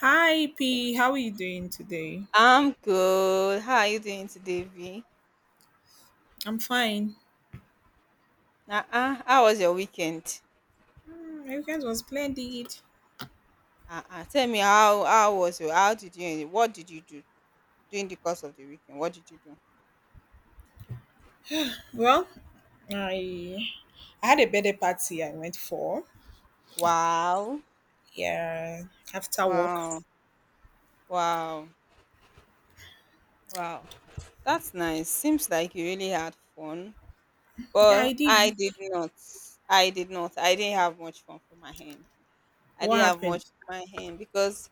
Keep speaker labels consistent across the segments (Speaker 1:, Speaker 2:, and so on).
Speaker 1: Hi P, how are you doing today?
Speaker 2: I'm good. How are you doing today, V?
Speaker 1: I'm fine.
Speaker 2: Uh-uh. How was your weekend?
Speaker 1: My weekend was splendid.
Speaker 2: Uh-uh. Tell me how was your how did you what did you do during the course of the weekend? What did you do?
Speaker 1: Well, I I had a birthday party I went for.
Speaker 2: Wow.
Speaker 1: Yeah, after work.
Speaker 2: Wow. Wow. Wow. That's nice. Seems like you really had fun.
Speaker 1: Yeah, I
Speaker 2: But
Speaker 1: did.
Speaker 2: I did not. I did not. I didn't have much fun for my hand. I
Speaker 1: What
Speaker 2: didn't have much
Speaker 1: happened?
Speaker 2: for my hand because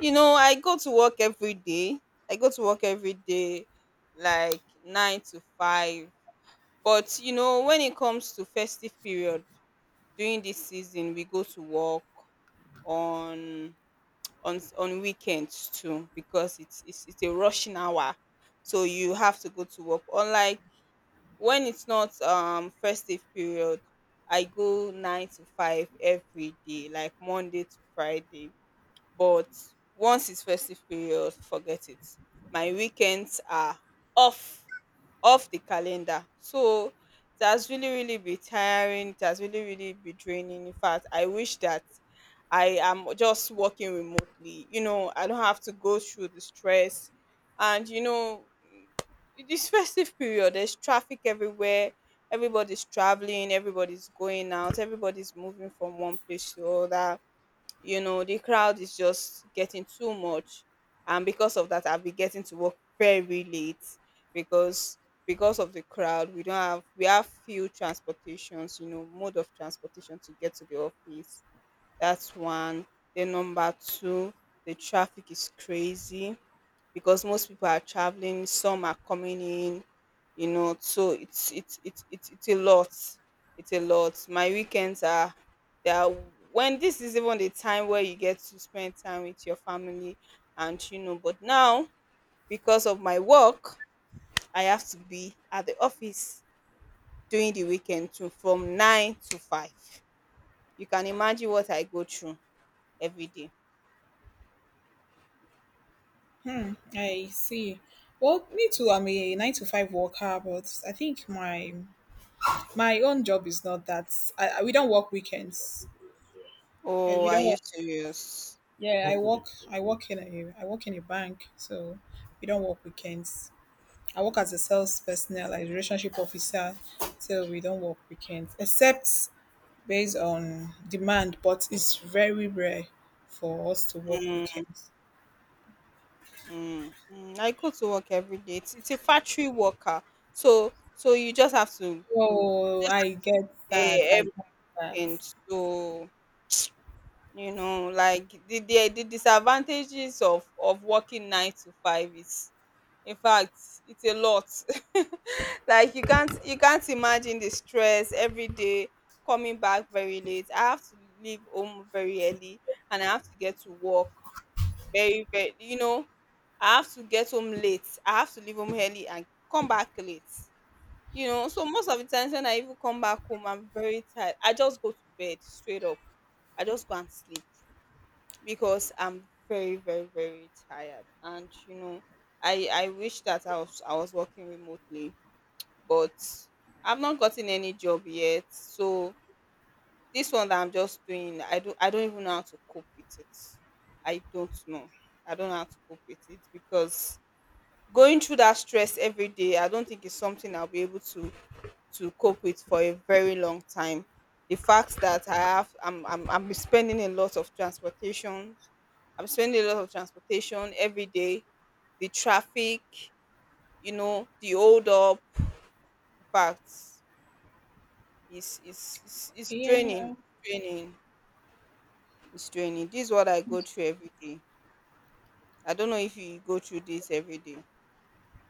Speaker 2: I go to work every day I go to work every day like nine to five. But when it comes to festive period during this season, we go to work on weekends too because it's a rushing hour, so you have to go to work. Unlike when it's not festive period, I go nine to five every day, like Monday to Friday, but once it's festive period, forget it, my weekends are off off the calendar, so it has really, really been tiring, it has really, really been draining. In fact, I wish that I am just working remotely. I don't have to go through the stress. And you know This festive period, there's traffic everywhere. Everybody's traveling, everybody's going out, everybody's moving from one place to other. The crowd is just getting too much, and because of that, I've been getting to work very late because of the crowd, we don't have we have few transportations, mode of transportation to get to the office. That's one. Then number two, the traffic is crazy because most people are traveling, some are coming in. So it's a lot. It's a lot. My weekends are They are when this is even the time where you get to spend time with your family, but now, because of my work, I have to be at the office during the weekend too from nine to five. You can imagine what I go through every day.
Speaker 1: I see. Well, me too. I'm a nine to five worker, but I think my own job is not that. We don't work weekends. And
Speaker 2: Oh,
Speaker 1: we
Speaker 2: are
Speaker 1: don't.
Speaker 2: you
Speaker 1: Work,
Speaker 2: serious?
Speaker 1: yeah, I work. I work in a bank, so we don't work weekends. I work as a sales personnel, like relationship officer, so we don't work weekends except based on demand, but it's very rare for us to work
Speaker 2: Mm.
Speaker 1: weekends.
Speaker 2: Mm, mm, I go to work every day. It's a factory worker, so you just have to
Speaker 1: Oh,
Speaker 2: just
Speaker 1: I get that.
Speaker 2: eh,
Speaker 1: I get that.
Speaker 2: everything. So like the disadvantages of working nine to five is, in fact, it's a lot. Like you can't imagine the stress every day coming back very late. I have to leave home very early, and I have to get to work very very. You know, I have to get home late. I have to leave home early and come back late. So most of the times when I even come back home, I'm very tired. I just go to bed straight up. I just go and sleep because I'm very, very, very tired. I wish that I was working remotely, but I've not gotten any job yet. So this one that I'm just doing, I don't even know how to cope with it. I don't know. I don't know how to cope with it because going through that stress every day, I don't think it's something I'll be able to cope with for a very long time. The fact that I have, I'm spending a lot of transportation. I'm spending a lot of transportation every day. The traffic, the hold up. In fact, it's draining,
Speaker 1: Yeah,
Speaker 2: draining, it's draining. This is what I go through every day. I don't know if you go through this every day.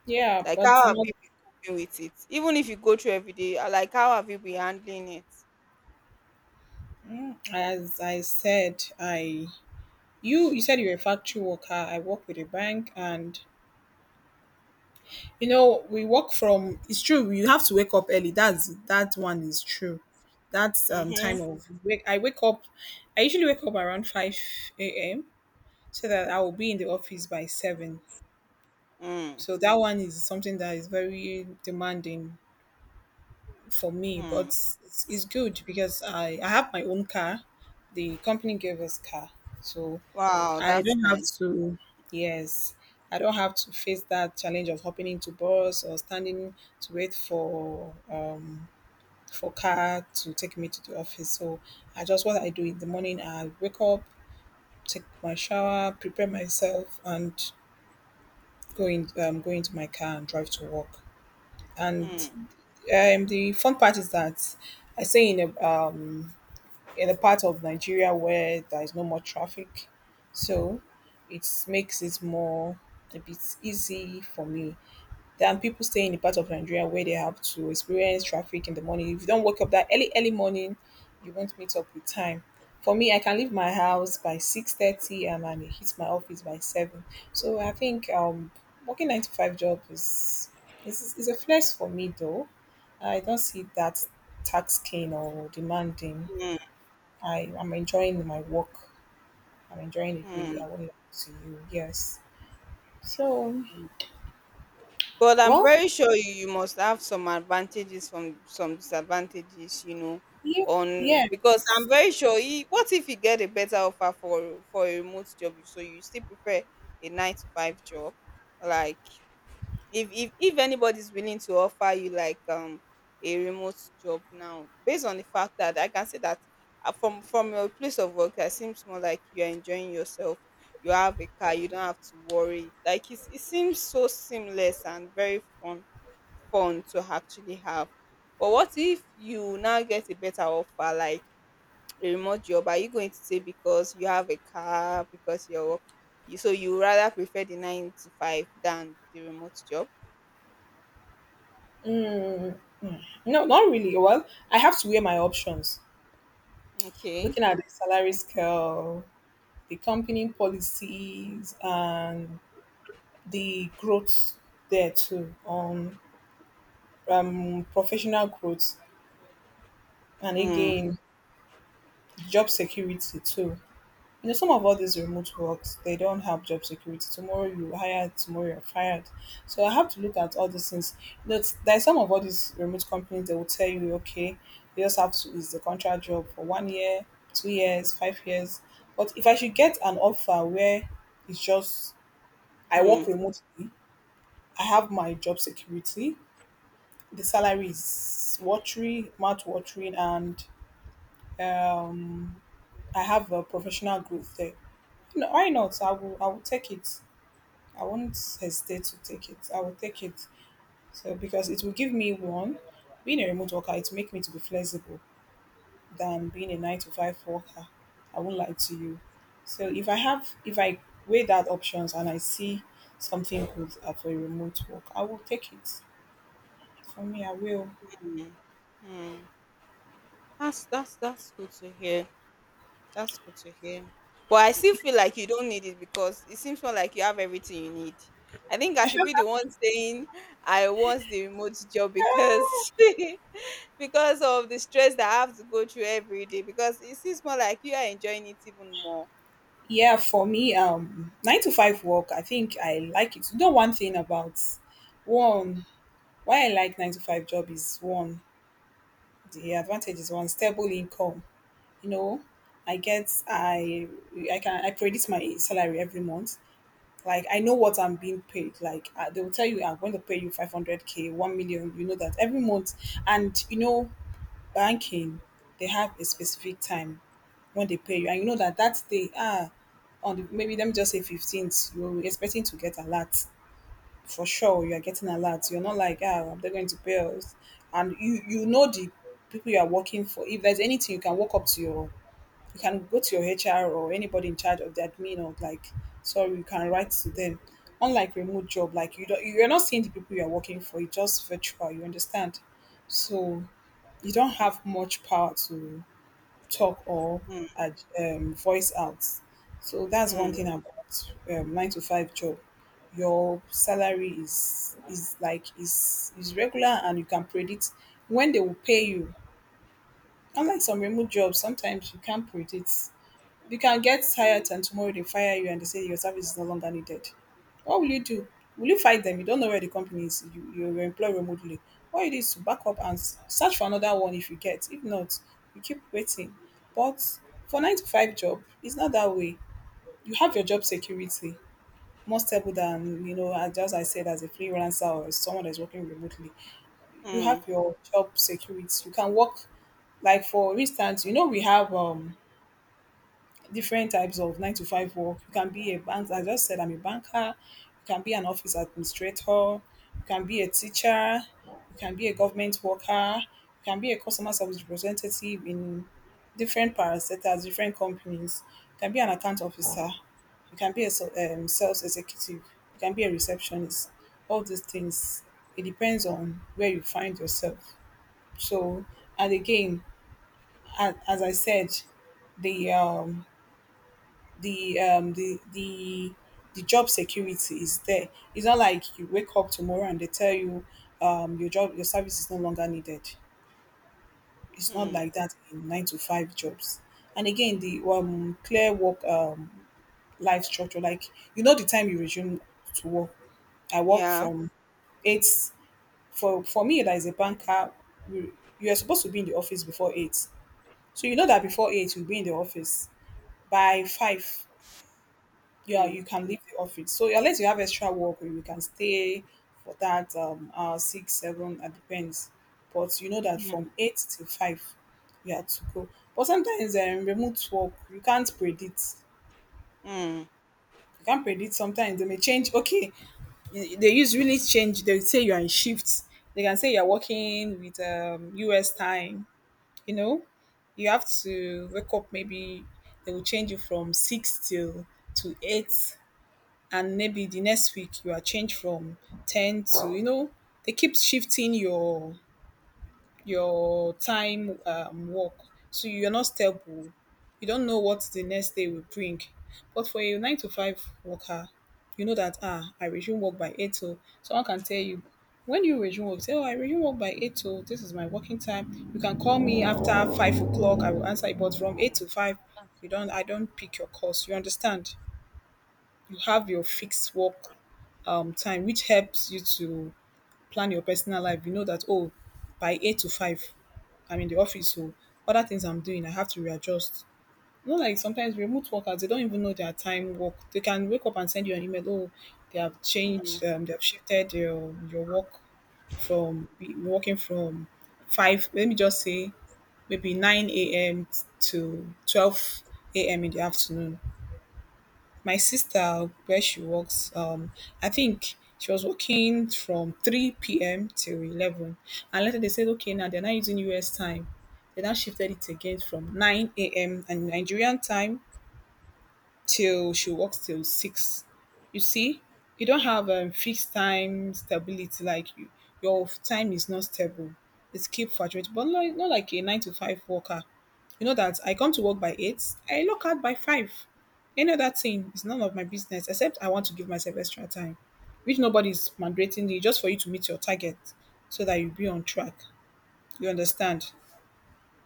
Speaker 1: yeah,
Speaker 2: Like,
Speaker 1: but
Speaker 2: how have
Speaker 1: not
Speaker 2: you been coping with it? Even if you go through every day, like, how have you been handling it?
Speaker 1: as I said. I You said you're a factory worker. I work with a bank, and we work from it's true, you have to wake up early. That one is true. That's time
Speaker 2: Mm-hmm.
Speaker 1: of wake, I usually wake up around 5 a.m. so that I will be in the office by seven.
Speaker 2: Mm-hmm.
Speaker 1: So that one is something that is very demanding for me, but it's good because I have my own car. The company gave us car. So
Speaker 2: Wow,
Speaker 1: I
Speaker 2: that's
Speaker 1: don't have
Speaker 2: nice.
Speaker 1: to, yes, I don't have to face that challenge of hopping into bus or standing to wait for car to take me to the office. So I just what I do in the morning, I wake up, take my shower, prepare myself, and go into my car and drive to work. And
Speaker 2: Mm,
Speaker 1: the fun part is that I stay in a part of Nigeria where there is no more traffic. So it makes it more a bit easy for me than people staying in the part of Nigeria where they have to experience traffic in the morning. If you don't wake up that early, early morning, you won't meet up with time. For me, I can leave my house by 6:30 and I hit my office by seven. So I think working nine to five job is a flex for me though. I don't see that taxing or demanding.
Speaker 2: mm,
Speaker 1: I am enjoying my work. I'm enjoying it really.
Speaker 2: mm.
Speaker 1: I won't lie to you. Yes. So,
Speaker 2: But I'm
Speaker 1: well,
Speaker 2: very sure you must have some advantages from some disadvantages, you know,
Speaker 1: yeah,
Speaker 2: on because
Speaker 1: yes.
Speaker 2: I'm very sure, what if you get a better offer for a remote job, so you still prefer a nine to five job, like if anybody's willing to offer you like a remote job now, based on the fact that I can say that, from your place of work, it seems more like you're enjoying yourself. You have a car, you don't have to worry. Like it seems so seamless and very fun to actually have. But what if you now get a better offer, like a remote job? Are you going to say, because you have a car, because you're work- you so you rather prefer the nine to five than the remote job?
Speaker 1: Mm, mm. No, not really. Well, I have to weigh my options.
Speaker 2: Okay.
Speaker 1: Looking at the salary scale, the company policies, and the growth there too. Professional growth, and
Speaker 2: Mm,
Speaker 1: again, job security too. You know, some of all these remote works, they don't have job security. Tomorrow you hire, tomorrow you're fired, so I have to look at all these things. You know, there's some of all these remote companies, they will tell you, okay, you just have to is the contract job for one year, 2 years, 5 years. But if I should get an offer where it's just I work
Speaker 2: mm,
Speaker 1: remotely, I have my job security, the salary is watery mouth watering, and um I have a professional growth there, no, why not, I will take it. I won't hesitate to take it. I will take it. So because it will give me one, being a remote worker, it will make me to be flexible than being a nine to five worker. I won't lie to you. So if I weigh that options and I see something good for a remote work, I will take it. For me, I will.
Speaker 2: mm. That's good to hear. That's good to hear. But I still feel like you don't need it because it seems more like you have everything you need. I think I should be the one saying I want the remote job
Speaker 1: Ah,
Speaker 2: because because of the stress that I have to go through every day. Because it seems more like you are enjoying it even more.
Speaker 1: yeah, for me, nine to five work. I think I like it. You know, one thing about one, why I like nine to five job is one, the advantage is one stable income. You know, I get, I can, I predict my salary every month, like I know what I'm being paid, like they will tell you, I'm going to pay you 500K, 1 million, you know that every month. And you know, banking, they have a specific time when they pay you, and you know that, that day, ah, on the, maybe let me just say 15th, you're expecting to get a lot. For sure, you're getting a lot. You're not like, ah, they're going to pay us. And you know the people you are working for, if there's anything, you can walk up to your, you can go to your HR or anybody in charge of the admin, or like, sorry, you can write to them. Unlike remote job, like you're not seeing the people you're working for, it's just virtual, you understand? So you don't have much power to talk or voice out. So that's one
Speaker 2: Mm,
Speaker 1: thing about nine to five job. Your salary is like is regular, and you can predict when they will pay you. Unlike some remote jobs, sometimes you can't predict. You can get tired and tomorrow they fire you and they say your service is no longer needed. What will you do? Will you fight them? You don't know where the company is. You were employed remotely. What it is to back up and search for another one if you get. If not, you keep waiting. But for nine to five job, it's not that way. You have your job security, more stable than you know. As just I said, as a freelancer or as someone that's working remotely, you have
Speaker 2: mm,
Speaker 1: your job security. You can work, like, for instance, you know we have different types of nine to five work. You can be a bank, I just said I'm a banker. You can be an office administrator, you can be a teacher, you can be a government worker, you can be a customer service representative in different parastatals, different companies. You can be an account officer, you can be a sales executive, you can be a receptionist. All these things, it depends on where you find yourself. So, and again, as I said, the um, the um the the the job security is there. It's not like you wake up tomorrow and they tell you your service is no longer needed. It's not
Speaker 2: mm.
Speaker 1: like that in nine to five jobs. And again, the clear work life structure, like you know the time you resume to work. I work
Speaker 2: Yeah.
Speaker 1: from eight, for me that is a banker, you are supposed to be in the office before eight. So you know that before eight you'll be in the office. By five, yeah,
Speaker 2: Mm,
Speaker 1: you can leave the office. So unless you have extra work, you can stay for that hour six, seven, it depends. But you know that
Speaker 2: mm,
Speaker 1: from eight to five, you have to go. But sometimes remote work, you can't predict.
Speaker 2: mm.
Speaker 1: You can't predict. Sometimes they may change. Okay, they usually change. They will say you are in shifts. They can say you are working with US time. You know, you have to wake up. Maybe they will change you from six till to eight, and maybe the next week you are changed from 10 to, you know, they keep shifting your time work. So you're not stable, you don't know what the next day will bring. But for a 9 to 5 worker, you know that, ah, I resume work by 8 o, someone can tell you when you resume work say, oh, I resume work by 8 o, this is my working time. You can call me after 5 o'clock, I will answer you. But from 8 to 5, you don't I don't pick your calls, you understand? You have your fixed work time, which helps you to plan your personal life. You know that, oh, by 8 to 5, I'm in the office, so other things I'm doing, I have to readjust. You know, like sometimes remote workers, they don't even know their time work. They can wake up and send you an email, oh, they have changed, they have shifted your work from working from 5, let me just say, maybe 9 a.m. to 12 a.m. in the afternoon. My sister, where she works, I think she was working from 3 p.m. till 11. And later they said, okay, now they're not using US time. They now shifted it again from 9 a.m. and Nigerian time till she works till 6. You see, you don't have fixed time stability, like you, your time is not stable. It's keep fluctuating, but not like a 9 to 5 worker, you know that I come to work by 8, I lock out by 5. Any other thing is none of my business except I want to give myself extra time, which nobody is mandating you just for you to meet your target so that you be on track. You understand?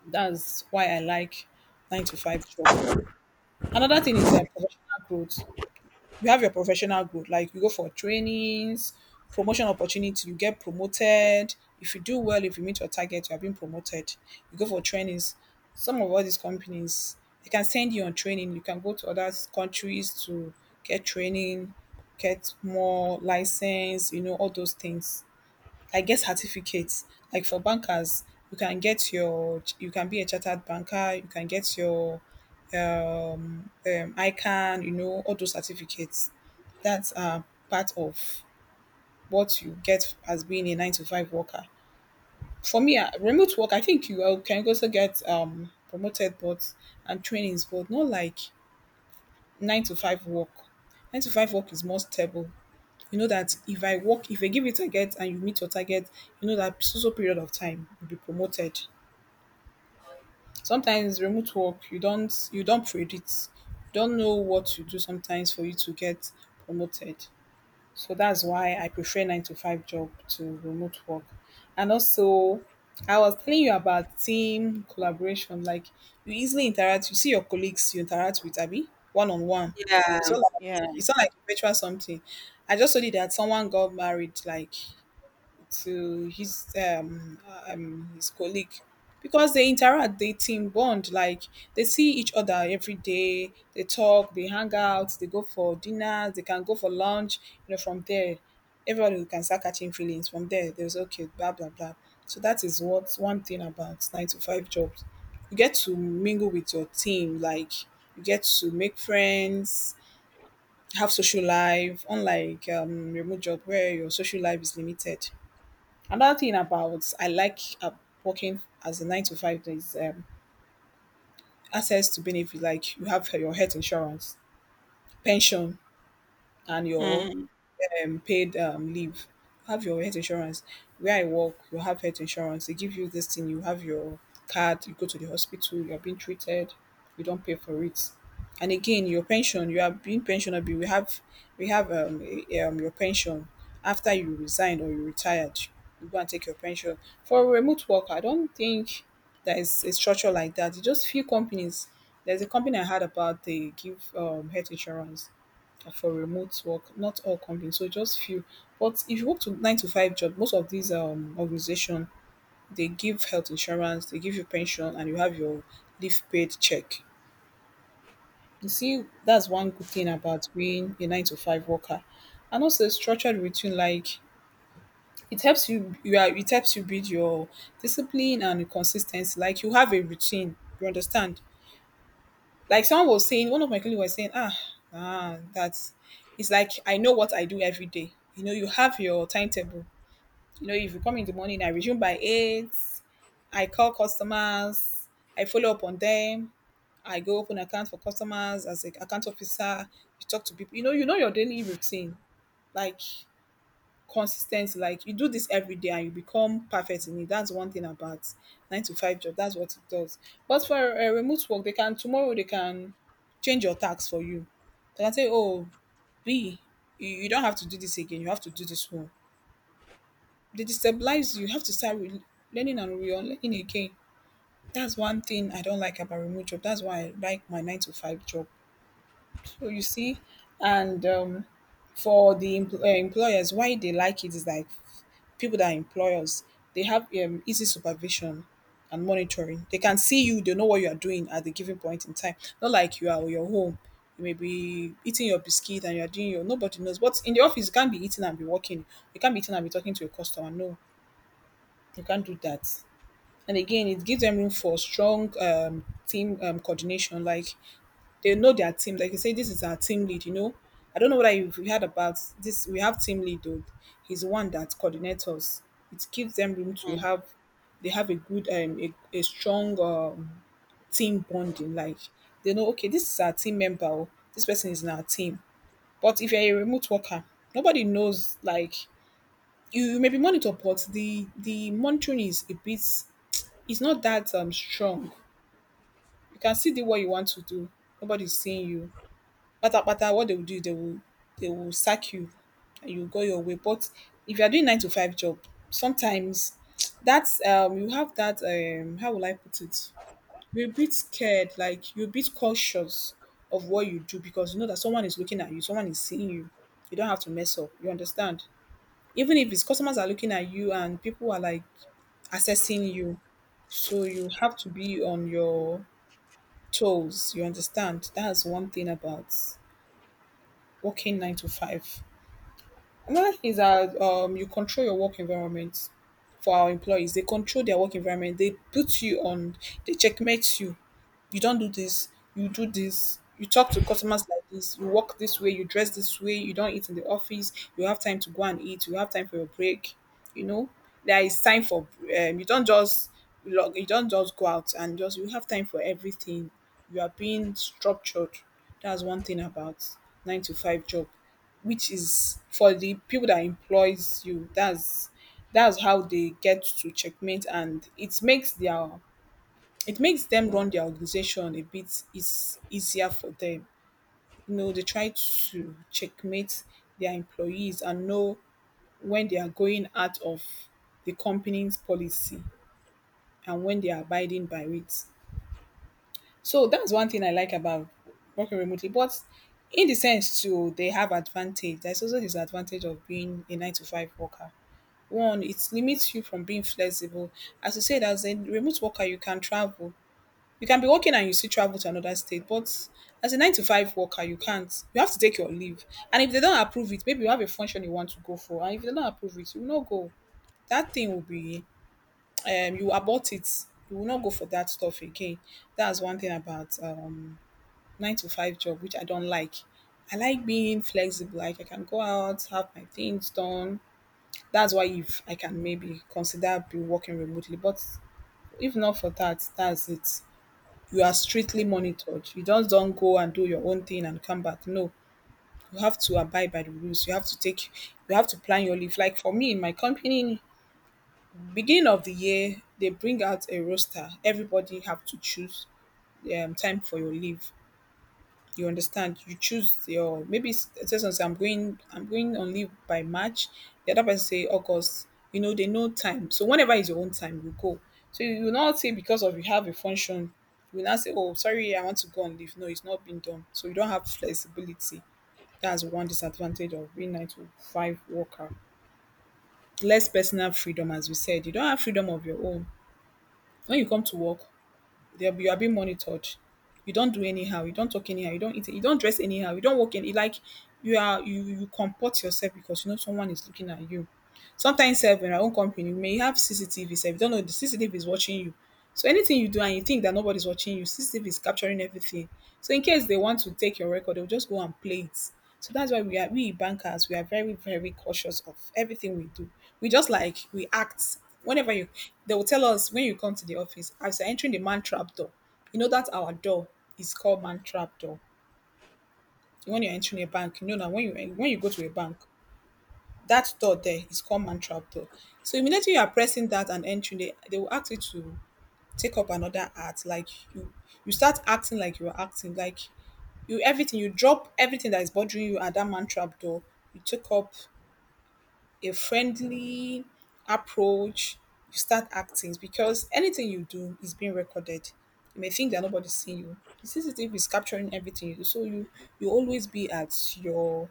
Speaker 1: That's why I like 9 to 5 job. Another thing is professional growth, you have your professional growth, like you go for trainings, promotion opportunity, you get promoted. If you do well, if you meet your target, you are being promoted, you go for trainings. Some of all these companies, they can send you on training, you can go to other countries to get training, get more license, you know, all those things. I get certificates. Like for bankers, you can be a chartered banker, you can get your um, um ICANN, you know, all those certificates. That's part of what you get as being a nine to five worker. For me, remote work, I think you can also get promoted, but and trainings, but not like nine to five work. Nine to five work is more stable, you know that if I work, if I give you target and you meet your target, you know that so so period of time you'll be promoted. Sometimes remote work, you don't predict, you don't know what to do sometimes for you to get promoted. So that's why I prefer nine to five job to remote work. And also, I was telling you about team collaboration, like you easily interact, you see your colleagues, you interact with Abby one on one.
Speaker 2: Yeah.
Speaker 1: It's all like
Speaker 2: Yeah.
Speaker 1: it's not like virtual something. I just told you that someone got married, like, to his colleague, because they interact, they team bond, like they see each other every day, they talk, they hang out, they go for dinners, they can go for lunch, you know. From there, everybody can start catching feelings. From there, there's okay blah blah blah. So that is what one thing about nine to five jobs, you get to mingle with your team, like you get to make friends, have social life, unlike remote job where your social life is limited. Another thing about I like working as a nine to five is access to benefit. Like, you have your health insurance, pension, and your
Speaker 2: Mm,
Speaker 1: paid leave. Have your health insurance. Where I work, you have health insurance. They give you this thing. You have your card. You go to the hospital. You are being treated. You don't pay for it. And again, your pension. You are being pensionable. We have your pension after you resign or you retired. You go and take your pension. For a remote worker, I don't think there is a structure like that. It's just few companies. There's a company I heard about. They give health insurance for remote work. Not all companies, so just few. But if you work to nine to five job, most of these organization, they give health insurance, they give you pension, and you have your leave paid check. You see, that's one good thing about being a nine to five worker. And also a structured routine, like it helps you, you are it helps you build your discipline and consistency. Like, you have a routine, you understand? Like someone was saying, one of my colleagues was saying, that's, it's like I know what I do every day. You know, you have your timetable. You know, if you come in the morning, I resume by 8, I call customers, I follow up on them, I go open accounts for customers as an account officer, you talk to people. you know your daily routine. Like, consistent, like you do this every day and you become perfect in it. That's one thing about nine to five job, that's what it does. But for a remote work, they can tomorrow, they can change your tax for you, they can say, oh, b you don't have to do this again, you have to do this one. They destabilize you, you have to start learning and relearning again. That's one thing I don't like about remote job, that's why I like my nine to five job. So you see. And for the employers, why they like it is like, people that employ us, they have easy supervision and monitoring. They can see you, they know what you are doing at the given point in time. Not like you are on your home, you may be eating your biscuit and you are doing your, nobody knows. But in the office, you can't be eating and be working. You can't be eating and be talking to your customer. No, you can't do that. And again, it gives them room for strong team coordination. Like, they know their team. Like you say, this is our team lead, you know. I don't know whether you've heard about this. We have team lead though. He's the one that coordinates us. It gives them room to
Speaker 2: mm,
Speaker 1: have, they have a good a strong team bonding. Like, they know, okay, this is our team member, oh, this person is in our team. But if you're a remote worker, nobody knows. Like, you may be monitored, but the monitoring is a bit, it's not that strong. You can still do what you want to do. Nobody's seeing you. Patapata, what they will do is they will sack you and you go your way. But if you are doing nine to five job, sometimes that's you have that, how will I put it? You're a bit scared, like you're a bit cautious of what you do, because you know that someone is looking at you, someone is seeing you. You don't have to mess up. You understand? Even if it's customers are looking at you, and people are like assessing you, so you have to be on your toes. You understand? That's one thing about working nine to five. Another thing is that you control your work environment. For our employees, they control their work environment. They put you on, they checkmate you don't do this, you talk to customers like this, you walk this way, you dress this way, you don't eat in the office, you have time to go and eat, you have time for your break. You know, there is time for you don't just log, you don't just go out, and just, you have time for everything. You are being structured. That's one thing about nine to five job, which is for the people that employs you. That's, how they get to checkmate, and it makes them run their organization a bit, is easier for them. You know, they try to checkmate their employees and know when they are going out of the company's policy and when they are abiding by it. So that's one thing I like about working remotely. But in the sense too, they have advantage. There's also disadvantage of being a nine to five worker. One, it limits you from being flexible. As you said, as a remote worker, you can travel, you can be working and you still travel to another state, but as a nine to five worker, you can't. You have to take your leave. And if they don't approve it, maybe you have a function you want to go for, and if they don't approve it, you will not go. That thing will be, you abort it. You will not go for that stuff again. That's one thing about nine to five job, which I don't like. I like being flexible. Like, I can go out, have my things done. That's why if I can, maybe consider be working remotely. But if not for that, that's it, you are strictly monitored. You just don't go and do your own thing and come back. No, you have to abide by the rules. You have to plan your leave. Like for me, in my company, beginning of the year they bring out a roster. Everybody have to choose time for your leave. You understand? You choose your, maybe, say something, I'm going on leave by March. The other person say August, you know. They know time, so whenever is your own time, you go. So you will not say, because of you have a function, you will not say, oh sorry, I want to go on leave. No, it's not been done. So you don't have flexibility. That's one disadvantage of being nine to five worker. Less personal freedom, as we said, you don't have freedom of your own. When you come to work, you are being monitored. You don't do anyhow. You don't talk anyhow. You don't eat. You don't dress anyhow. You don't walk any, like, you are. You comport yourself because you know someone is looking at you. Sometimes, self in our own company, we may have CCTV. Self, you don't know the CCTV is watching you. So anything you do and you think that nobody's watching you, CCTV is capturing everything. So in case they want to take your record, they'll just go and play it. So that's why we bankers we are very cautious of everything we do. We just like we act whenever you they will tell us when you come to the office as you're entering the man trap door. You know that our door is called man trap door. When you're entering a bank, you know now when you go to a bank, that door there is called man trap door. So immediately you are pressing that and entering, they will ask you to take up another art like you you start acting like you're acting like you everything you drop everything that is bothering you at that man trap door you took up a friendly approach. You start acting because anything you do is being recorded. You may think that nobody's seeing you. The CCTV is capturing everything you do, so you always be at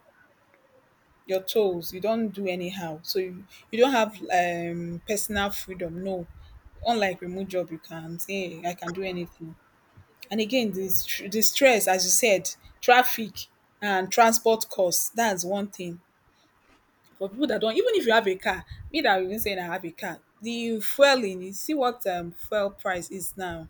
Speaker 1: your toes. You don't do anyhow, so you don't have personal freedom. No, unlike remote job, you can say, "Hey, I can do anything." And again, the stress, as you said, traffic and transport costs, that's one thing. For people that don't, even if you have a car, me that I'm even saying I have a car, the fueling, you see what fuel price is now.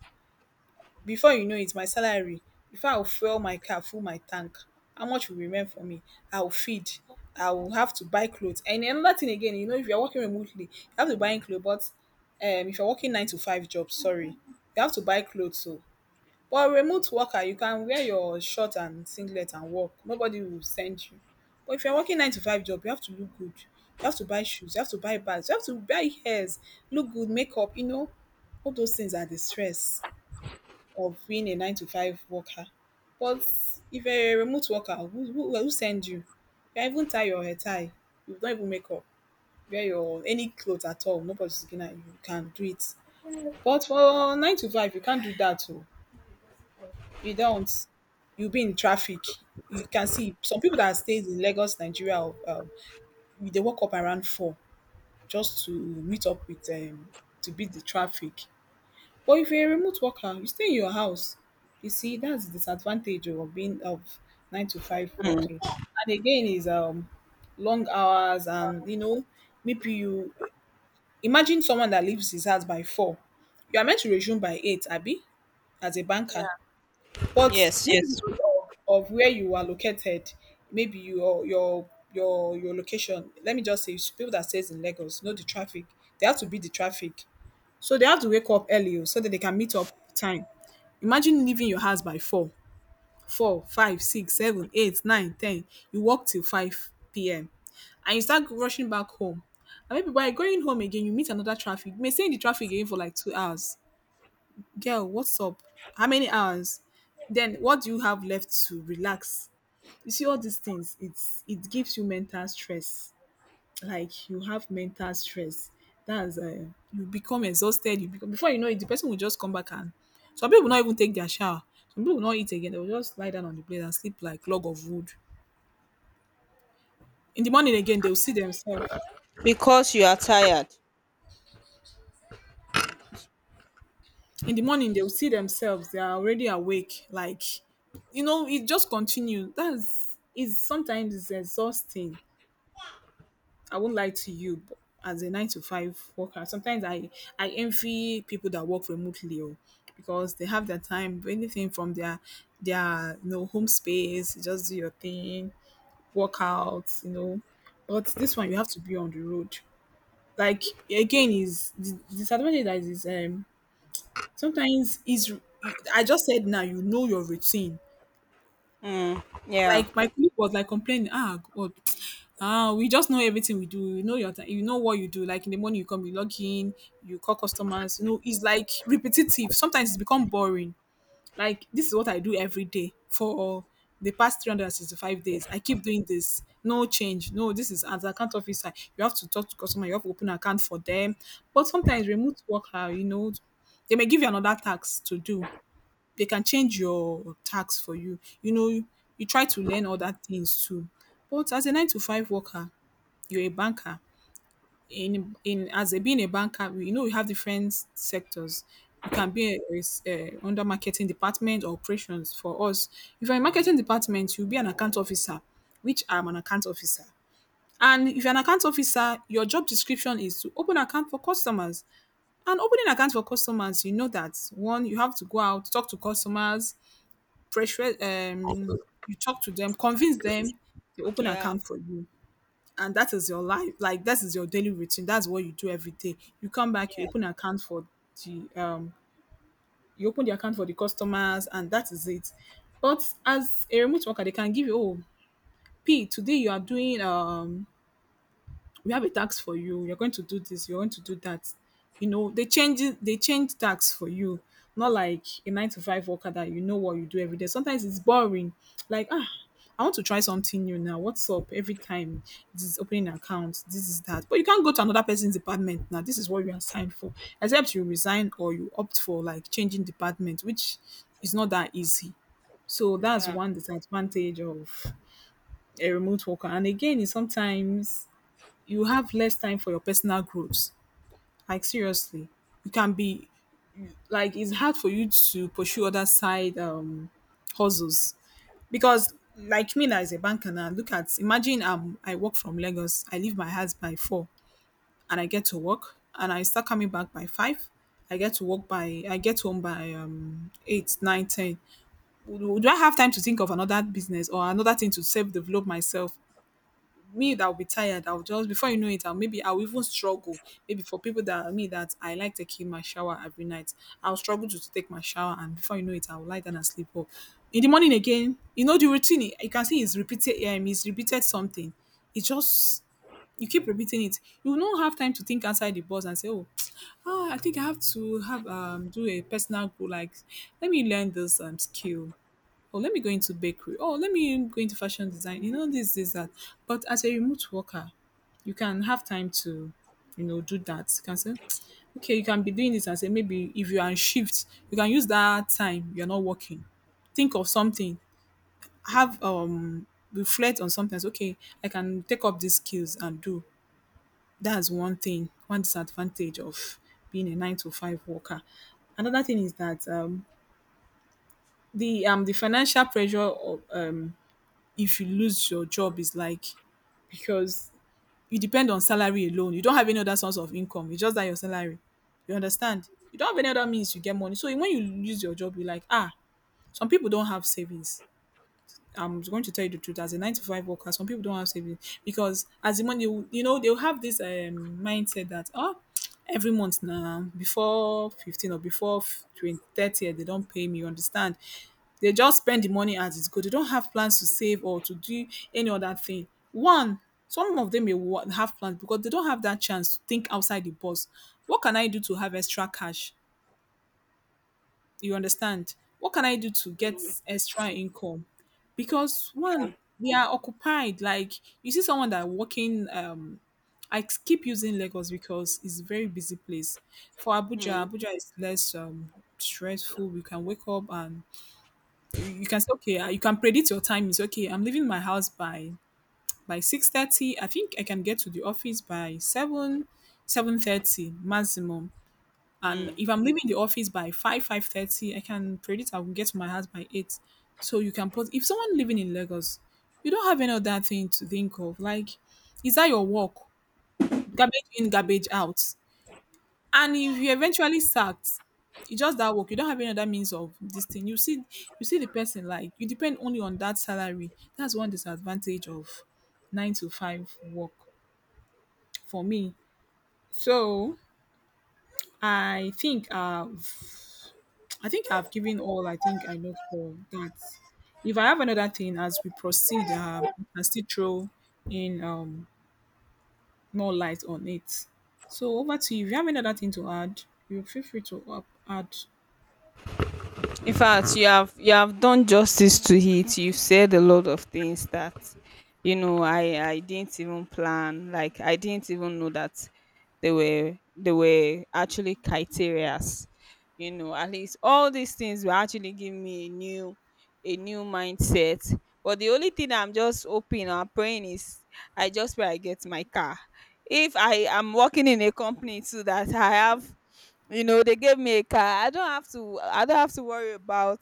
Speaker 1: Before you know it, my salary, if I'll fuel my car, full my tank, how much will remain for me? I'll feed. I will have to buy clothes. And another thing again, you know, if you're working remotely, you have to buy clothes, but if you're working nine to five jobs, sorry, you have to buy clothes. So for remote worker you can wear your shirt and singlet and work, nobody will send you. But if you're working nine to five job, you have to look good, you have to buy shoes, you have to buy bags, you have to buy hairs, look good, makeup, you know, all those things are the stress of being a nine to five worker. But if you're a remote worker, who send you? You can even tie your hair tie, you don't even make up, wear your any clothes at all. Nobody's is looking at you, you can do it. But for nine to five you can't do that too. You don't. You'll be in traffic. You can see some people that stay in Lagos, Nigeria, um, they wake up around four just to meet up with to beat the traffic. But if you're a remote worker, you stay in your house. You see, that's the disadvantage of being of nine to five
Speaker 2: mm.
Speaker 1: working. And again, is long hours and you know maybe you imagine someone that leaves his house by four. You are meant to resume by eight, Abby, as a banker.
Speaker 2: Yeah.
Speaker 1: But
Speaker 2: Yes.
Speaker 1: maybe
Speaker 2: Yes.
Speaker 1: because of where you are located, maybe your location. Let me just say, people that stays in Lagos know the traffic. They have to beat the traffic, so they have to wake up early o, so that they can meet up time. Imagine leaving your house by four, four, five, six, seven, eight, nine, ten. You walk till five p.m. and you start rushing back home. And maybe by going home again, you meet another traffic. You may stay in the traffic again for like 2 hours. Girl, what's up? How many hours? Then what do you have left to relax? You see all these things, it gives you mental stress. Like you have mental stress. That's you become exhausted. You become before you know it, the person will just come back and some people will not even take their shower. Some people will not eat again. They will just lie down on the plate and sleep like log of wood. In the morning again, they will see themselves.
Speaker 2: Because you are tired.
Speaker 1: In the morning, they will see themselves. They are already awake. Like, you know, it just continues. That's is sometimes it's exhausting. I won't lie to you. But as a nine to five worker, sometimes I envy people that work remotely oh, because they have their time. Do anything from their, you know, home space, just do your thing, work out, you know. But this one, you have to be on the road. Like again, is the disadvantage that is sometimes is I just said now you know your routine.
Speaker 2: Mm. Yeah.
Speaker 1: Like, my colleague was, like, complaining, "Ah, God, ah, we just know everything we do. You know your ti you know what you do. Like, in the morning, you come, you log in, you call customers." You know, it's, like, repetitive. Sometimes it's become boring. Like, "This is what I do every day for the past 365 days. I keep doing this. No change. No, this is as account officer, you have to talk to customer, you have to open account for them." But sometimes remote worker, you know, they may give you another task to do. They can change your tax for you. You know, you try to learn other things too. But as a nine to five worker, you're a banker. In as a being a banker, you know you have different sectors. You can be a under marketing department or operations. For us, if you're in marketing department, you'll be an account officer, which I'm an account officer. And if you're an account officer, your job description is to open account for customers. And opening account for customers, you know that one, you have to go out, talk to customers, pressure you talk to them, convince them, they open an
Speaker 2: Yeah.
Speaker 1: account for you. And that is your life. Like that is your daily routine. That's what you do every day. You come back, you
Speaker 2: Yeah.
Speaker 1: open an account for the you open the account for the customers and that is it. But as a remote worker, they can give you oh P today you are doing we have a task for you. You're going to do this. You're going to do that. You know, they change tasks for you. Not like a nine to five worker that you know what you do every day. Sometimes it's boring. Like ah, I want to try something new now. What's up? Every time this is opening an account, this is that. But you can't go to another person's department now. This is what you are signed for. Except you resign or you opt for like changing department, which is not that easy. So that's
Speaker 2: Yeah.
Speaker 1: one disadvantage of a remote worker. And again, is sometimes you have less time for your personal growth. Like seriously, you can be like it's hard for you to pursue other side hustles because like me now as a banker now look at imagine I work from Lagos, I leave my house by four and I get to work and I start coming back by five. I get to work by I get home by eight, nine, ten. Do I have time to think of another business or another thing to self develop myself? Me that will be tired, I'll just before you know it, I'll maybe I'll even struggle. Maybe for people that are me that I like taking my shower every night, I'll struggle to take my shower, and before you know it, I'll lie down and sleep off. In the morning again, you know the routine. You can see it's repeated. It's repeated something. It's just you keep repeating it. You will not have time to think outside the box and say, "Oh, ah, I think I have to have do a personal goal. Like, let me learn this skill, oh let me go into bakery, oh let me go into fashion design, you know, this that. But as a remote worker, you can have time to, you know, do that. You can say okay, you can be doing this and say, maybe if you are on shift you can use that time you're not working, think of something, have reflect on something, say, okay, I can take up these skills and do. That's one thing, one disadvantage of being a nine to five worker. Another thing is that the financial pressure of if you lose your job is like, because you depend on salary alone. You don't have any other source of income. It's just that your salary. You understand? You don't have any other means to get money. So when you lose your job, you're like, ah, some people don't have savings. I'm going to tell you the truth. As a nine to five worker, some people don't have savings because as the money, they'll have this mindset that, oh, every month now before 15 or before 20, 30, they don't pay me. You understand? They just spend the money as it's good. They don't have plans to save or to do any other thing. One, some of them may have plans because they don't have that chance to think outside the box. What can I do to have extra cash? You understand? What can I do to get extra income? Because
Speaker 2: Yeah.
Speaker 1: one, they are occupied. Like, you see someone that working, I keep using Lagos because it's a very busy place. For Abuja,
Speaker 2: Mm.
Speaker 1: Abuja is less stressful. You can wake up, and you can say, okay, you can predict your time is okay. I'm leaving my house by 6:30. I think I can get to the office by 7, 7:30 maximum. And
Speaker 2: Mm.
Speaker 1: if I'm leaving the office by 5, 5:30, I can predict I will get to my house by 8. So you can put, if someone living in Lagos, you don't have any other thing to think of, like, is that your work. Garbage in, garbage out. And if you eventually sacked, it's just that work. You don't have any other means of this thing. You see, you see the person, like, you depend only on that salary. That's one disadvantage of nine to five work, for me. So i think I've. I think I've given all I think I know for that. If I have another thing as we proceed, I can still throw in more light on it. So over to you. If you have another thing to add, you feel free to add.
Speaker 2: In fact, you have done justice to it. You've said a lot of things that, I didn't even plan. Like I didn't even know that they were actually criterias. At least all these things will actually give me a new, mindset. But the only thing I'm just hoping or praying is, I just pray I get my car. If I am working in a company too that I have you know they gave me a car, I don't have to I don't have to worry about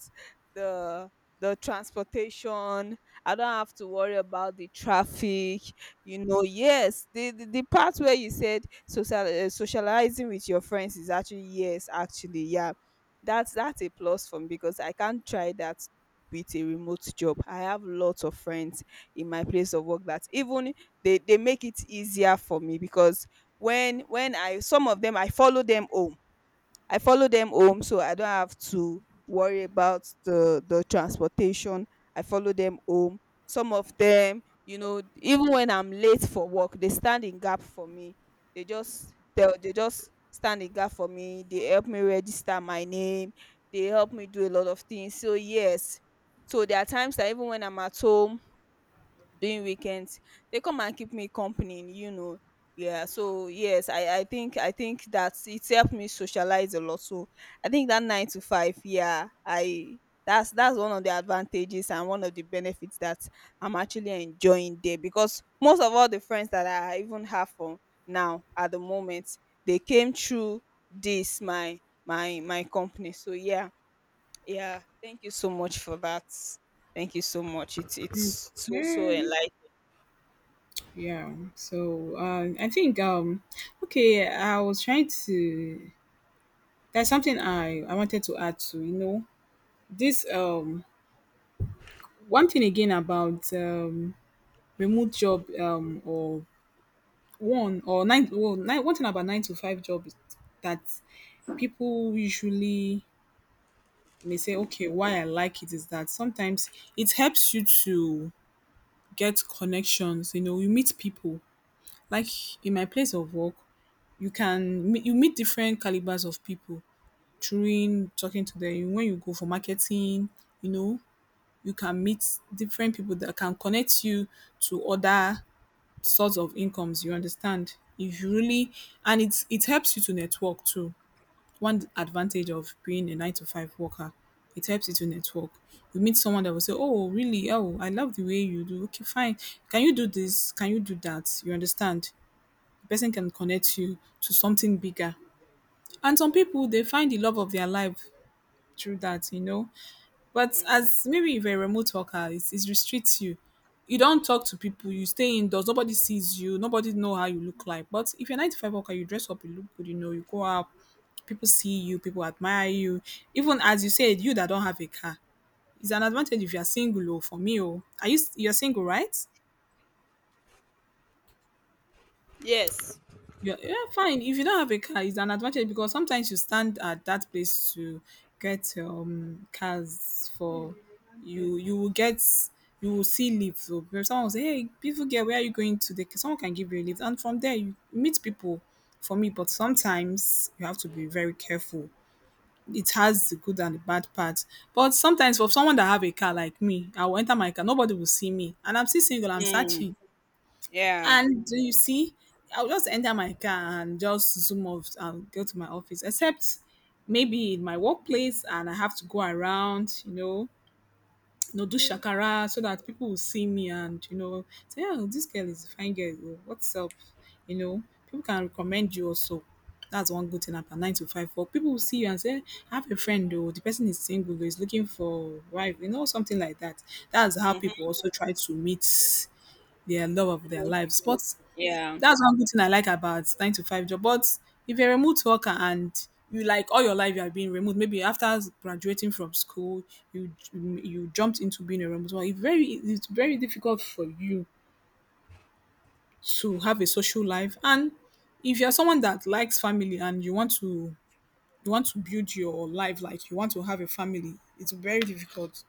Speaker 2: the the transportation. I don't have to worry about the traffic. Yes, the part where you said social, socializing with your friends, is actually, yes, actually, yeah, that's a plus for me because I can't try that with a remote job. I have lots of friends in my place of work that even they make it easier for me, because when I some of them I follow them home. I follow them home, so I don't have to worry about the transportation. I follow them home. Some of them, even when I'm late for work, they stand in gap for me. They just stand in gap for me. They help me register my name. They help me do a lot of things. So yes, so there are times that even when I'm at home during weekends, they come and keep me company. Yeah, so yes, I think that it's helped me socialize a lot. So I think that nine to five, yeah, I that's one of the advantages and one of the benefits that I'm actually enjoying there, because most of all the friends that I even have from now, at the moment, they came through this, my company. So yeah, yeah, thank you so much for that. Thank you so much. It's so, so
Speaker 1: Hmm.
Speaker 2: enlightening.
Speaker 1: Yeah. So I think okay. I was trying to. There's something I wanted to add to. You know this one thing again about remote job, or one or nine, well, nine one thing about nine to five job is that people usually may say, okay, why I like it is that sometimes it helps you to get connections. You know, you meet people, like, in my place of work you can you meet different calibers of people. During talking to them when you go for marketing, you know, you can meet different people that can connect you to other sorts of incomes. You understand? If you really, and it helps you to network too. One advantage of being a 9 to 5 worker, it helps you to network. You meet someone that will say, oh, really, oh, I love the way you do. Okay, fine. Can you do this? Can you do that? You understand? The person can connect you to something bigger. And some people, they find the love of their life through that, you know. But
Speaker 2: Mm.
Speaker 1: as, maybe if you're a remote worker, it restricts you. You don't talk to people, you stay indoors, nobody sees you, nobody know how you look like. But if you're a nine to five worker, you dress up, you look good, you know, you go out, people see you, people admire you. Even as you said, you that don't have a car, it's an advantage if you're single. Oh, for me. Oh, are you, you're single, right?
Speaker 2: Yes.
Speaker 1: Yeah, yeah, fine. If you don't have a car, it's an advantage because sometimes you stand at that place to get cars for you. You will get, you will see lift. So if someone will say, "Hey, beautiful girl, where are you going to?" The someone can give you a lift, and from there you meet people. For me, but sometimes you have to be very careful. It has the good and the bad part. But sometimes for someone that have a car like me, I will enter my car. Nobody will see me, and I'm still single. I'm
Speaker 2: Mm.
Speaker 1: searching.
Speaker 2: Yeah.
Speaker 1: And do you see, I'll just enter my car and just zoom off and go to my office, except maybe in my workplace and I have to go around, you know, do shakara so that people will see me and, you know, say, oh, this girl is a fine girl. Oh, what's up? You know, people can recommend you also. That's one good thing about nine to five work. People will see you and say, I have a friend though, the person is single, is looking for wife, you know, something like that. That's how people
Speaker 2: Mhm.
Speaker 1: also try to meet their love of their
Speaker 2: New
Speaker 1: lives.
Speaker 2: people.
Speaker 1: But
Speaker 2: Yeah.
Speaker 1: that's one good thing I like about nine to five job. But if you're a remote worker and you like all your life you have been remote, maybe after graduating from school, you jumped into being a remote worker. It's very, it's very difficult for you to have a social life. And if you're someone that likes family and you want to, you want to build your life, like, you want to have a family, it's very difficult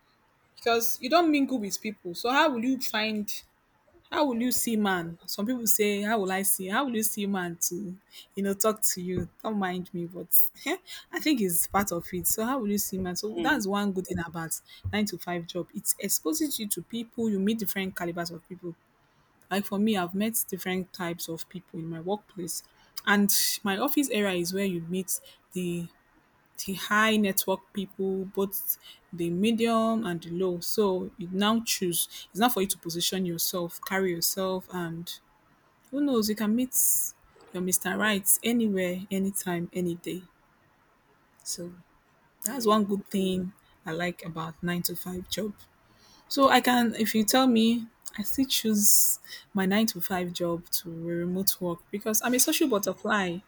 Speaker 1: because you don't mingle with people. So how will you find, how will you see man? Some people say, how will I see? How will you see man to, you know, talk to you? Don't mind me, but I think it's part of it. So, how will you see man? So,
Speaker 2: Mm.
Speaker 1: that's one good thing about nine to five job. It exposes you to people, you meet different calibers of people. Like for me, I've met different types of people in my workplace. And my office area is where you meet the the high network people, both the medium and the low. So you now choose. It's not for you to position yourself, carry yourself, and who knows, you can meet your Mr. Right anywhere, anytime, any day. So that's one
Speaker 2: Mm.
Speaker 1: good thing I like about nine to five job. So I can, if you tell me, I still choose my nine to five job to remote work because I'm a social butterfly.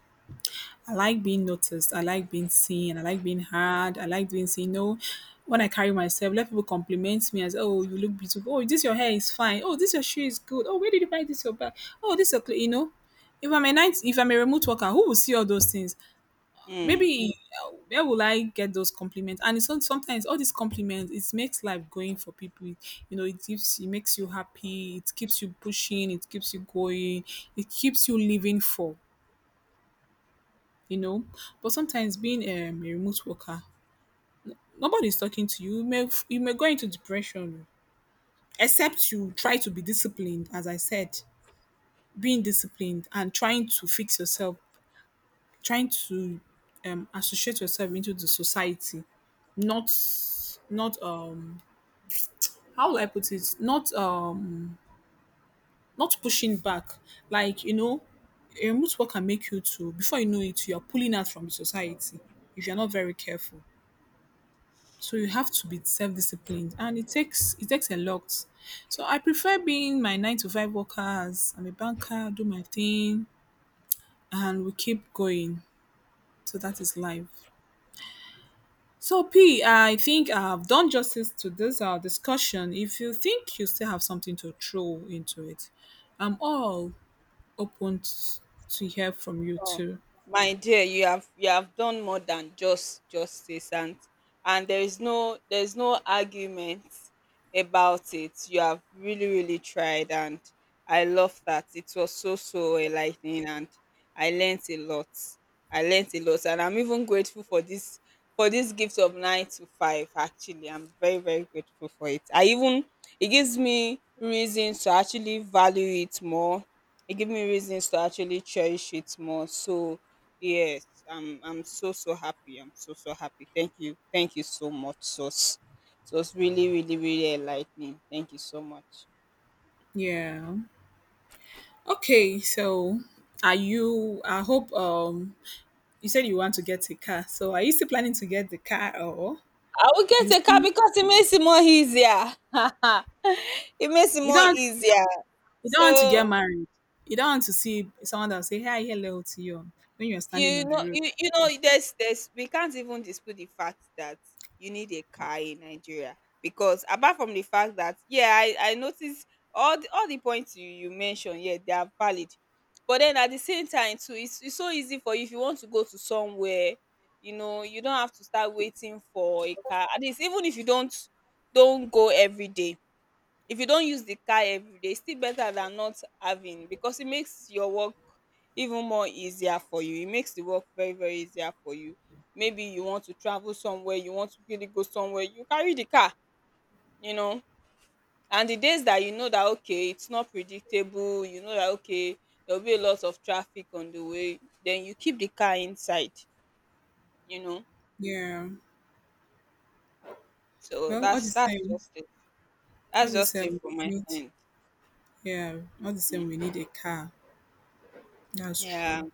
Speaker 1: I like being noticed. I like being seen. I like being heard. I like being seen. You know, when I carry myself, let people compliment me as, oh, you look beautiful. Oh, this your hair is fine. Oh, this your shoe is good. Oh, where did you buy this your bag? Oh, this your you know. If I'm a remote worker, who will see all those things?
Speaker 2: Mm.
Speaker 1: Maybe where will I get those compliments? And it's not, sometimes all these compliments, it makes life going for people. You know, it gives, it makes you happy. It keeps you pushing. It keeps you going. It keeps you living for, you know. But sometimes being a remote worker, nobody's talking to you. You may you may go into depression, except you try to be disciplined. As I said, being disciplined and trying to fix yourself, trying to associate yourself into the society, not, not um how will I put it, not not pushing back. Like, you know, a remote work can make you to, before you know it, you are pulling out from the society if you're not very careful. So you have to be self-disciplined, and it takes a lot. So I prefer being my nine to five worker, as I'm a banker, do my thing, and we keep going. So that is life. So p I think I've done justice to this our discussion. If you think you still have something to throw into it, I'm all open to hear from you
Speaker 2: Oh,
Speaker 1: too.
Speaker 2: my dear, you have done more than just justice, and there is no argument about it. You have really, really tried, and I love that. It was so, so enlightening, and I learnt a lot. I learnt a lot, and I'm even grateful for this, gift of nine to five, actually. I'm very, very grateful for it. I even It gives me reason to actually value it more. It gave me reasons to actually cherish it more. So yes, I'm so, so happy. I'm so, so happy. Thank you. Thank you so much, Sos. So it's really, really, really enlightening. Thank you so much.
Speaker 1: Yeah. Okay, so, are you, I hope, you said you want to get a car. So are you still planning to get the car, or
Speaker 2: I will
Speaker 1: you
Speaker 2: get a car
Speaker 1: still,
Speaker 2: because it makes it more easier. It makes it
Speaker 1: you
Speaker 2: more
Speaker 1: don't
Speaker 2: easier.
Speaker 1: you don't want to get
Speaker 2: So
Speaker 1: married? You don't want to see someone that will say, hi, hello to you when you're standing
Speaker 2: You
Speaker 1: on the
Speaker 2: know
Speaker 1: road.
Speaker 2: you you know there's we can't even dispute the fact that you need a car in Nigeria, because apart from the fact that, yeah, I noticed all the points you mentioned, yeah, they are valid. But then at the same time too, it's so easy for you, if you want to go to somewhere, you don't have to start waiting for a car. At least, even if you don't go every day, if you don't use the car every day, it's still better than not having, because it makes your work even more easier for you. It makes the work very, very easier for you. Maybe you want to travel somewhere, you want to really go somewhere, you carry the car, you know. And the days that you know that, okay, it's not predictable, you know that, okay, there'll be a lot of traffic on the way, then you keep the car inside, you know.
Speaker 1: Yeah.
Speaker 2: So
Speaker 1: Well, all the
Speaker 2: that's
Speaker 1: same.
Speaker 2: just it.
Speaker 1: All
Speaker 2: That's
Speaker 1: the
Speaker 2: just it
Speaker 1: same
Speaker 2: for my
Speaker 1: we need
Speaker 2: end.
Speaker 1: Yeah, all the same we need a car. That's
Speaker 2: Yeah.
Speaker 1: true.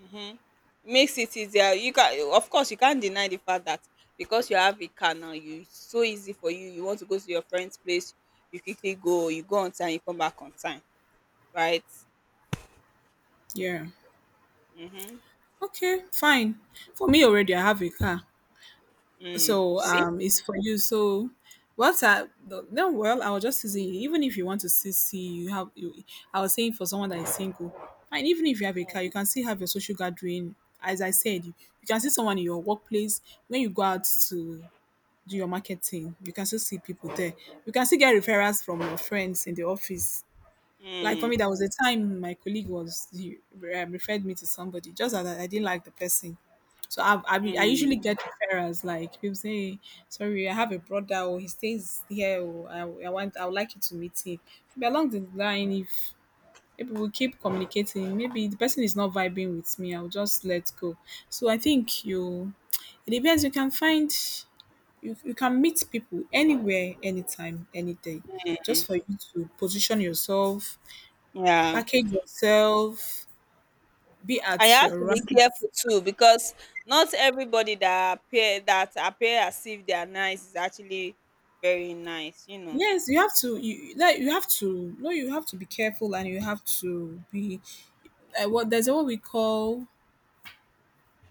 Speaker 2: Mhm. Makes it easier. You can Of course, you can't deny the fact that because you have a car now, you it's so easy for you. You want to go to your friend's place, you quickly go, you go on time, you come back on time. Right?
Speaker 1: Yeah.
Speaker 2: Mm-hmm.
Speaker 1: Okay, fine. For me, already I have a car.
Speaker 2: Mm. You
Speaker 1: So
Speaker 2: see?
Speaker 1: it's for you. So what are the- no? Well, I was just saying, even if you want to still see, you have. I was saying for someone that is single, and even if you have a car, you can still have your social gathering. As I said, you can see someone in your workplace when you go out to do your marketing. You can still see people there. You can still get referrals from your friends in the office. Like for me,
Speaker 2: Mm.
Speaker 1: there was a time my colleague was he referred me to somebody, just that I didn't like the person. So I usually
Speaker 2: Mm.
Speaker 1: get referrals. Like people say, "Sorry, I have a brother, or he stays here, or I would like you to meet him." But along the line, if we keep communicating, maybe the person is not vibing with me. I'll just let go. So I think it depends. You can meet people anywhere, anytime, any day. Just for you to position yourself,
Speaker 2: Yeah.
Speaker 1: package yourself, be
Speaker 2: And you
Speaker 1: at
Speaker 2: have
Speaker 1: your
Speaker 2: to
Speaker 1: right
Speaker 2: be careful too, because not everybody that appear, as if they are nice, is actually very nice.
Speaker 1: yes, you have to, no, you have to be careful, and you have to be like what we call,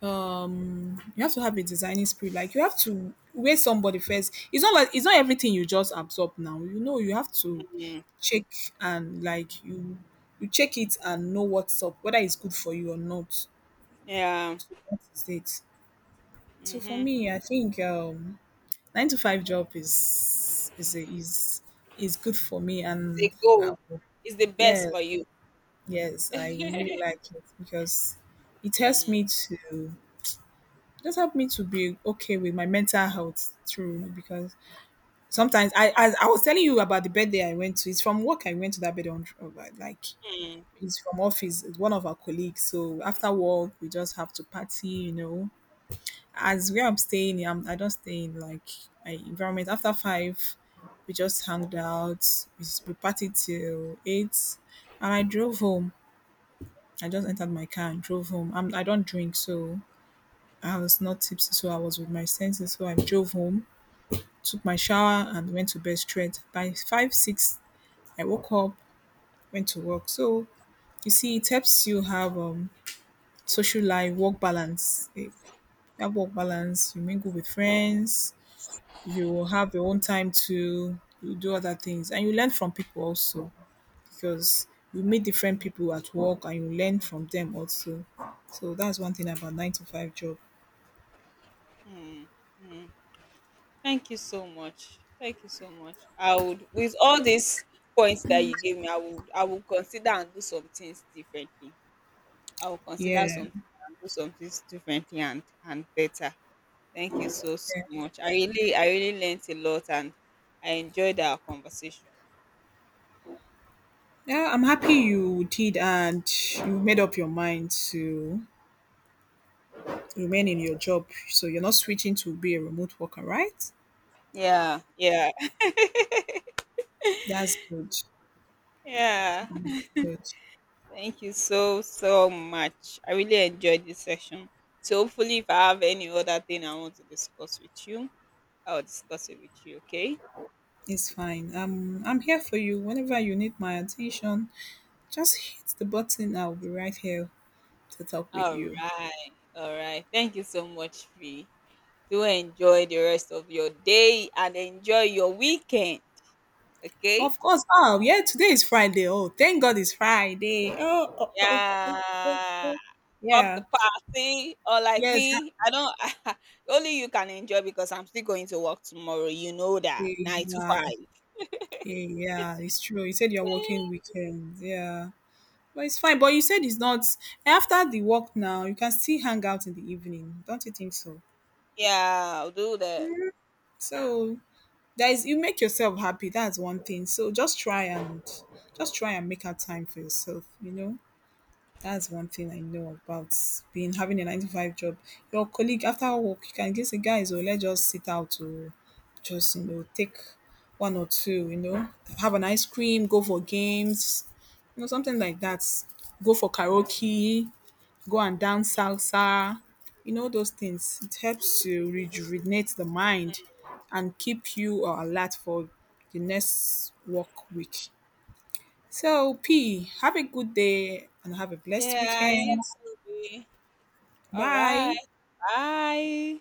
Speaker 1: you have to have a designing spirit. Like you have to weigh somebody first. It's not like, it's not everything you just absorb now. You know, you have to
Speaker 2: Mm.
Speaker 1: check, and you check it and know what's up, whether it's good for you or not.
Speaker 2: Yeah.
Speaker 1: So that is it. So for
Speaker 2: Mm-hmm.
Speaker 1: me I think nine to five job is a, is is good for me,
Speaker 2: It's
Speaker 1: and
Speaker 2: a
Speaker 1: I
Speaker 2: goal.
Speaker 1: will,
Speaker 2: It's the best
Speaker 1: yeah.
Speaker 2: for you.
Speaker 1: Yes, I really like it because it helps
Speaker 2: Mm,
Speaker 1: me to, just help me to be okay with my mental health, through because sometimes I as I was telling you about the birthday I went to, it's from work I went to that birthday on, like
Speaker 2: mm.
Speaker 1: it's from office, it's one of our colleagues. So after work we just have to party, you know. As where I'm staying, I don't stay in, like, my environment. After 5, we just hanged out, we partied till 8, and I drove home. I just entered my car and drove home. I don't drink, so I was not tipsy, so I was with my senses. So I drove home, took my shower, and went to bed straight. By 5 or 6, I woke up, went to work. So you see, it helps you have social life, work balance. Eh, that work balance, you mingle with friends, you have your own time to, you do other things, and you learn from people also, because you meet different people at work and you learn from them also. So that's one thing about nine to five job.
Speaker 2: Mm. Thank you so much. Thank you so much. With all these points that you gave me, I would consider and do some things differently. I will consider
Speaker 1: Yeah.
Speaker 2: some things and do some things differently and better. Thank you so, so much. I really learned a lot, and I enjoyed our conversation.
Speaker 1: Yeah, I'm happy you did, and you made up your mind to remain in your job. So you're not switching to be a remote worker, right?
Speaker 2: Yeah, yeah,
Speaker 1: That's good.
Speaker 2: yeah.
Speaker 1: That's good.
Speaker 2: Thank you so, so much. I really enjoyed this session. So hopefully, if I have any other thing I want to discuss with you, I'll discuss it with you, okay?
Speaker 1: It's fine. I'm here for you whenever you need my attention. Just hit the button. I'll be right here to talk with
Speaker 2: All
Speaker 1: you.
Speaker 2: right. All right. Thank you so much, Fee. Do enjoy the rest of your day and enjoy your weekend, okay?
Speaker 1: Of course. Oh, yeah. Today is Friday. Oh, thank God it's Friday. Oh, oh, oh. Oh,
Speaker 2: Yeah.
Speaker 1: oh.
Speaker 2: Pop the
Speaker 1: Yeah.
Speaker 2: party or like
Speaker 1: Yes.
Speaker 2: me. I don't, only you can enjoy because I'm still going to work tomorrow. You know that.
Speaker 1: Happy.
Speaker 2: Nine to five.
Speaker 1: Yeah, it's true. You said you're working weekends. Yeah. But it's fine. But you said it's not, after the work now, you can still hang out in the evening. Don't you think so?
Speaker 2: Yeah, I'll do that.
Speaker 1: So there is, you make yourself happy. That's one thing. So just try and, make out time for yourself, you know? That's one thing I know about being having a nine to five job. Your colleague after work, you can just say, "Guys, oh, let's just sit out to just, you know, take one or two, you know, have an ice cream, go for games, you know, something like that. Go for karaoke, go and dance salsa, you know." Those things. It helps to rejuvenate the mind and keep you alert for the next work week. So, P, have a good day and have a blessed
Speaker 2: Yeah, you
Speaker 1: weekend.
Speaker 2: too. Bea. All right.
Speaker 1: Bye.
Speaker 2: Bye.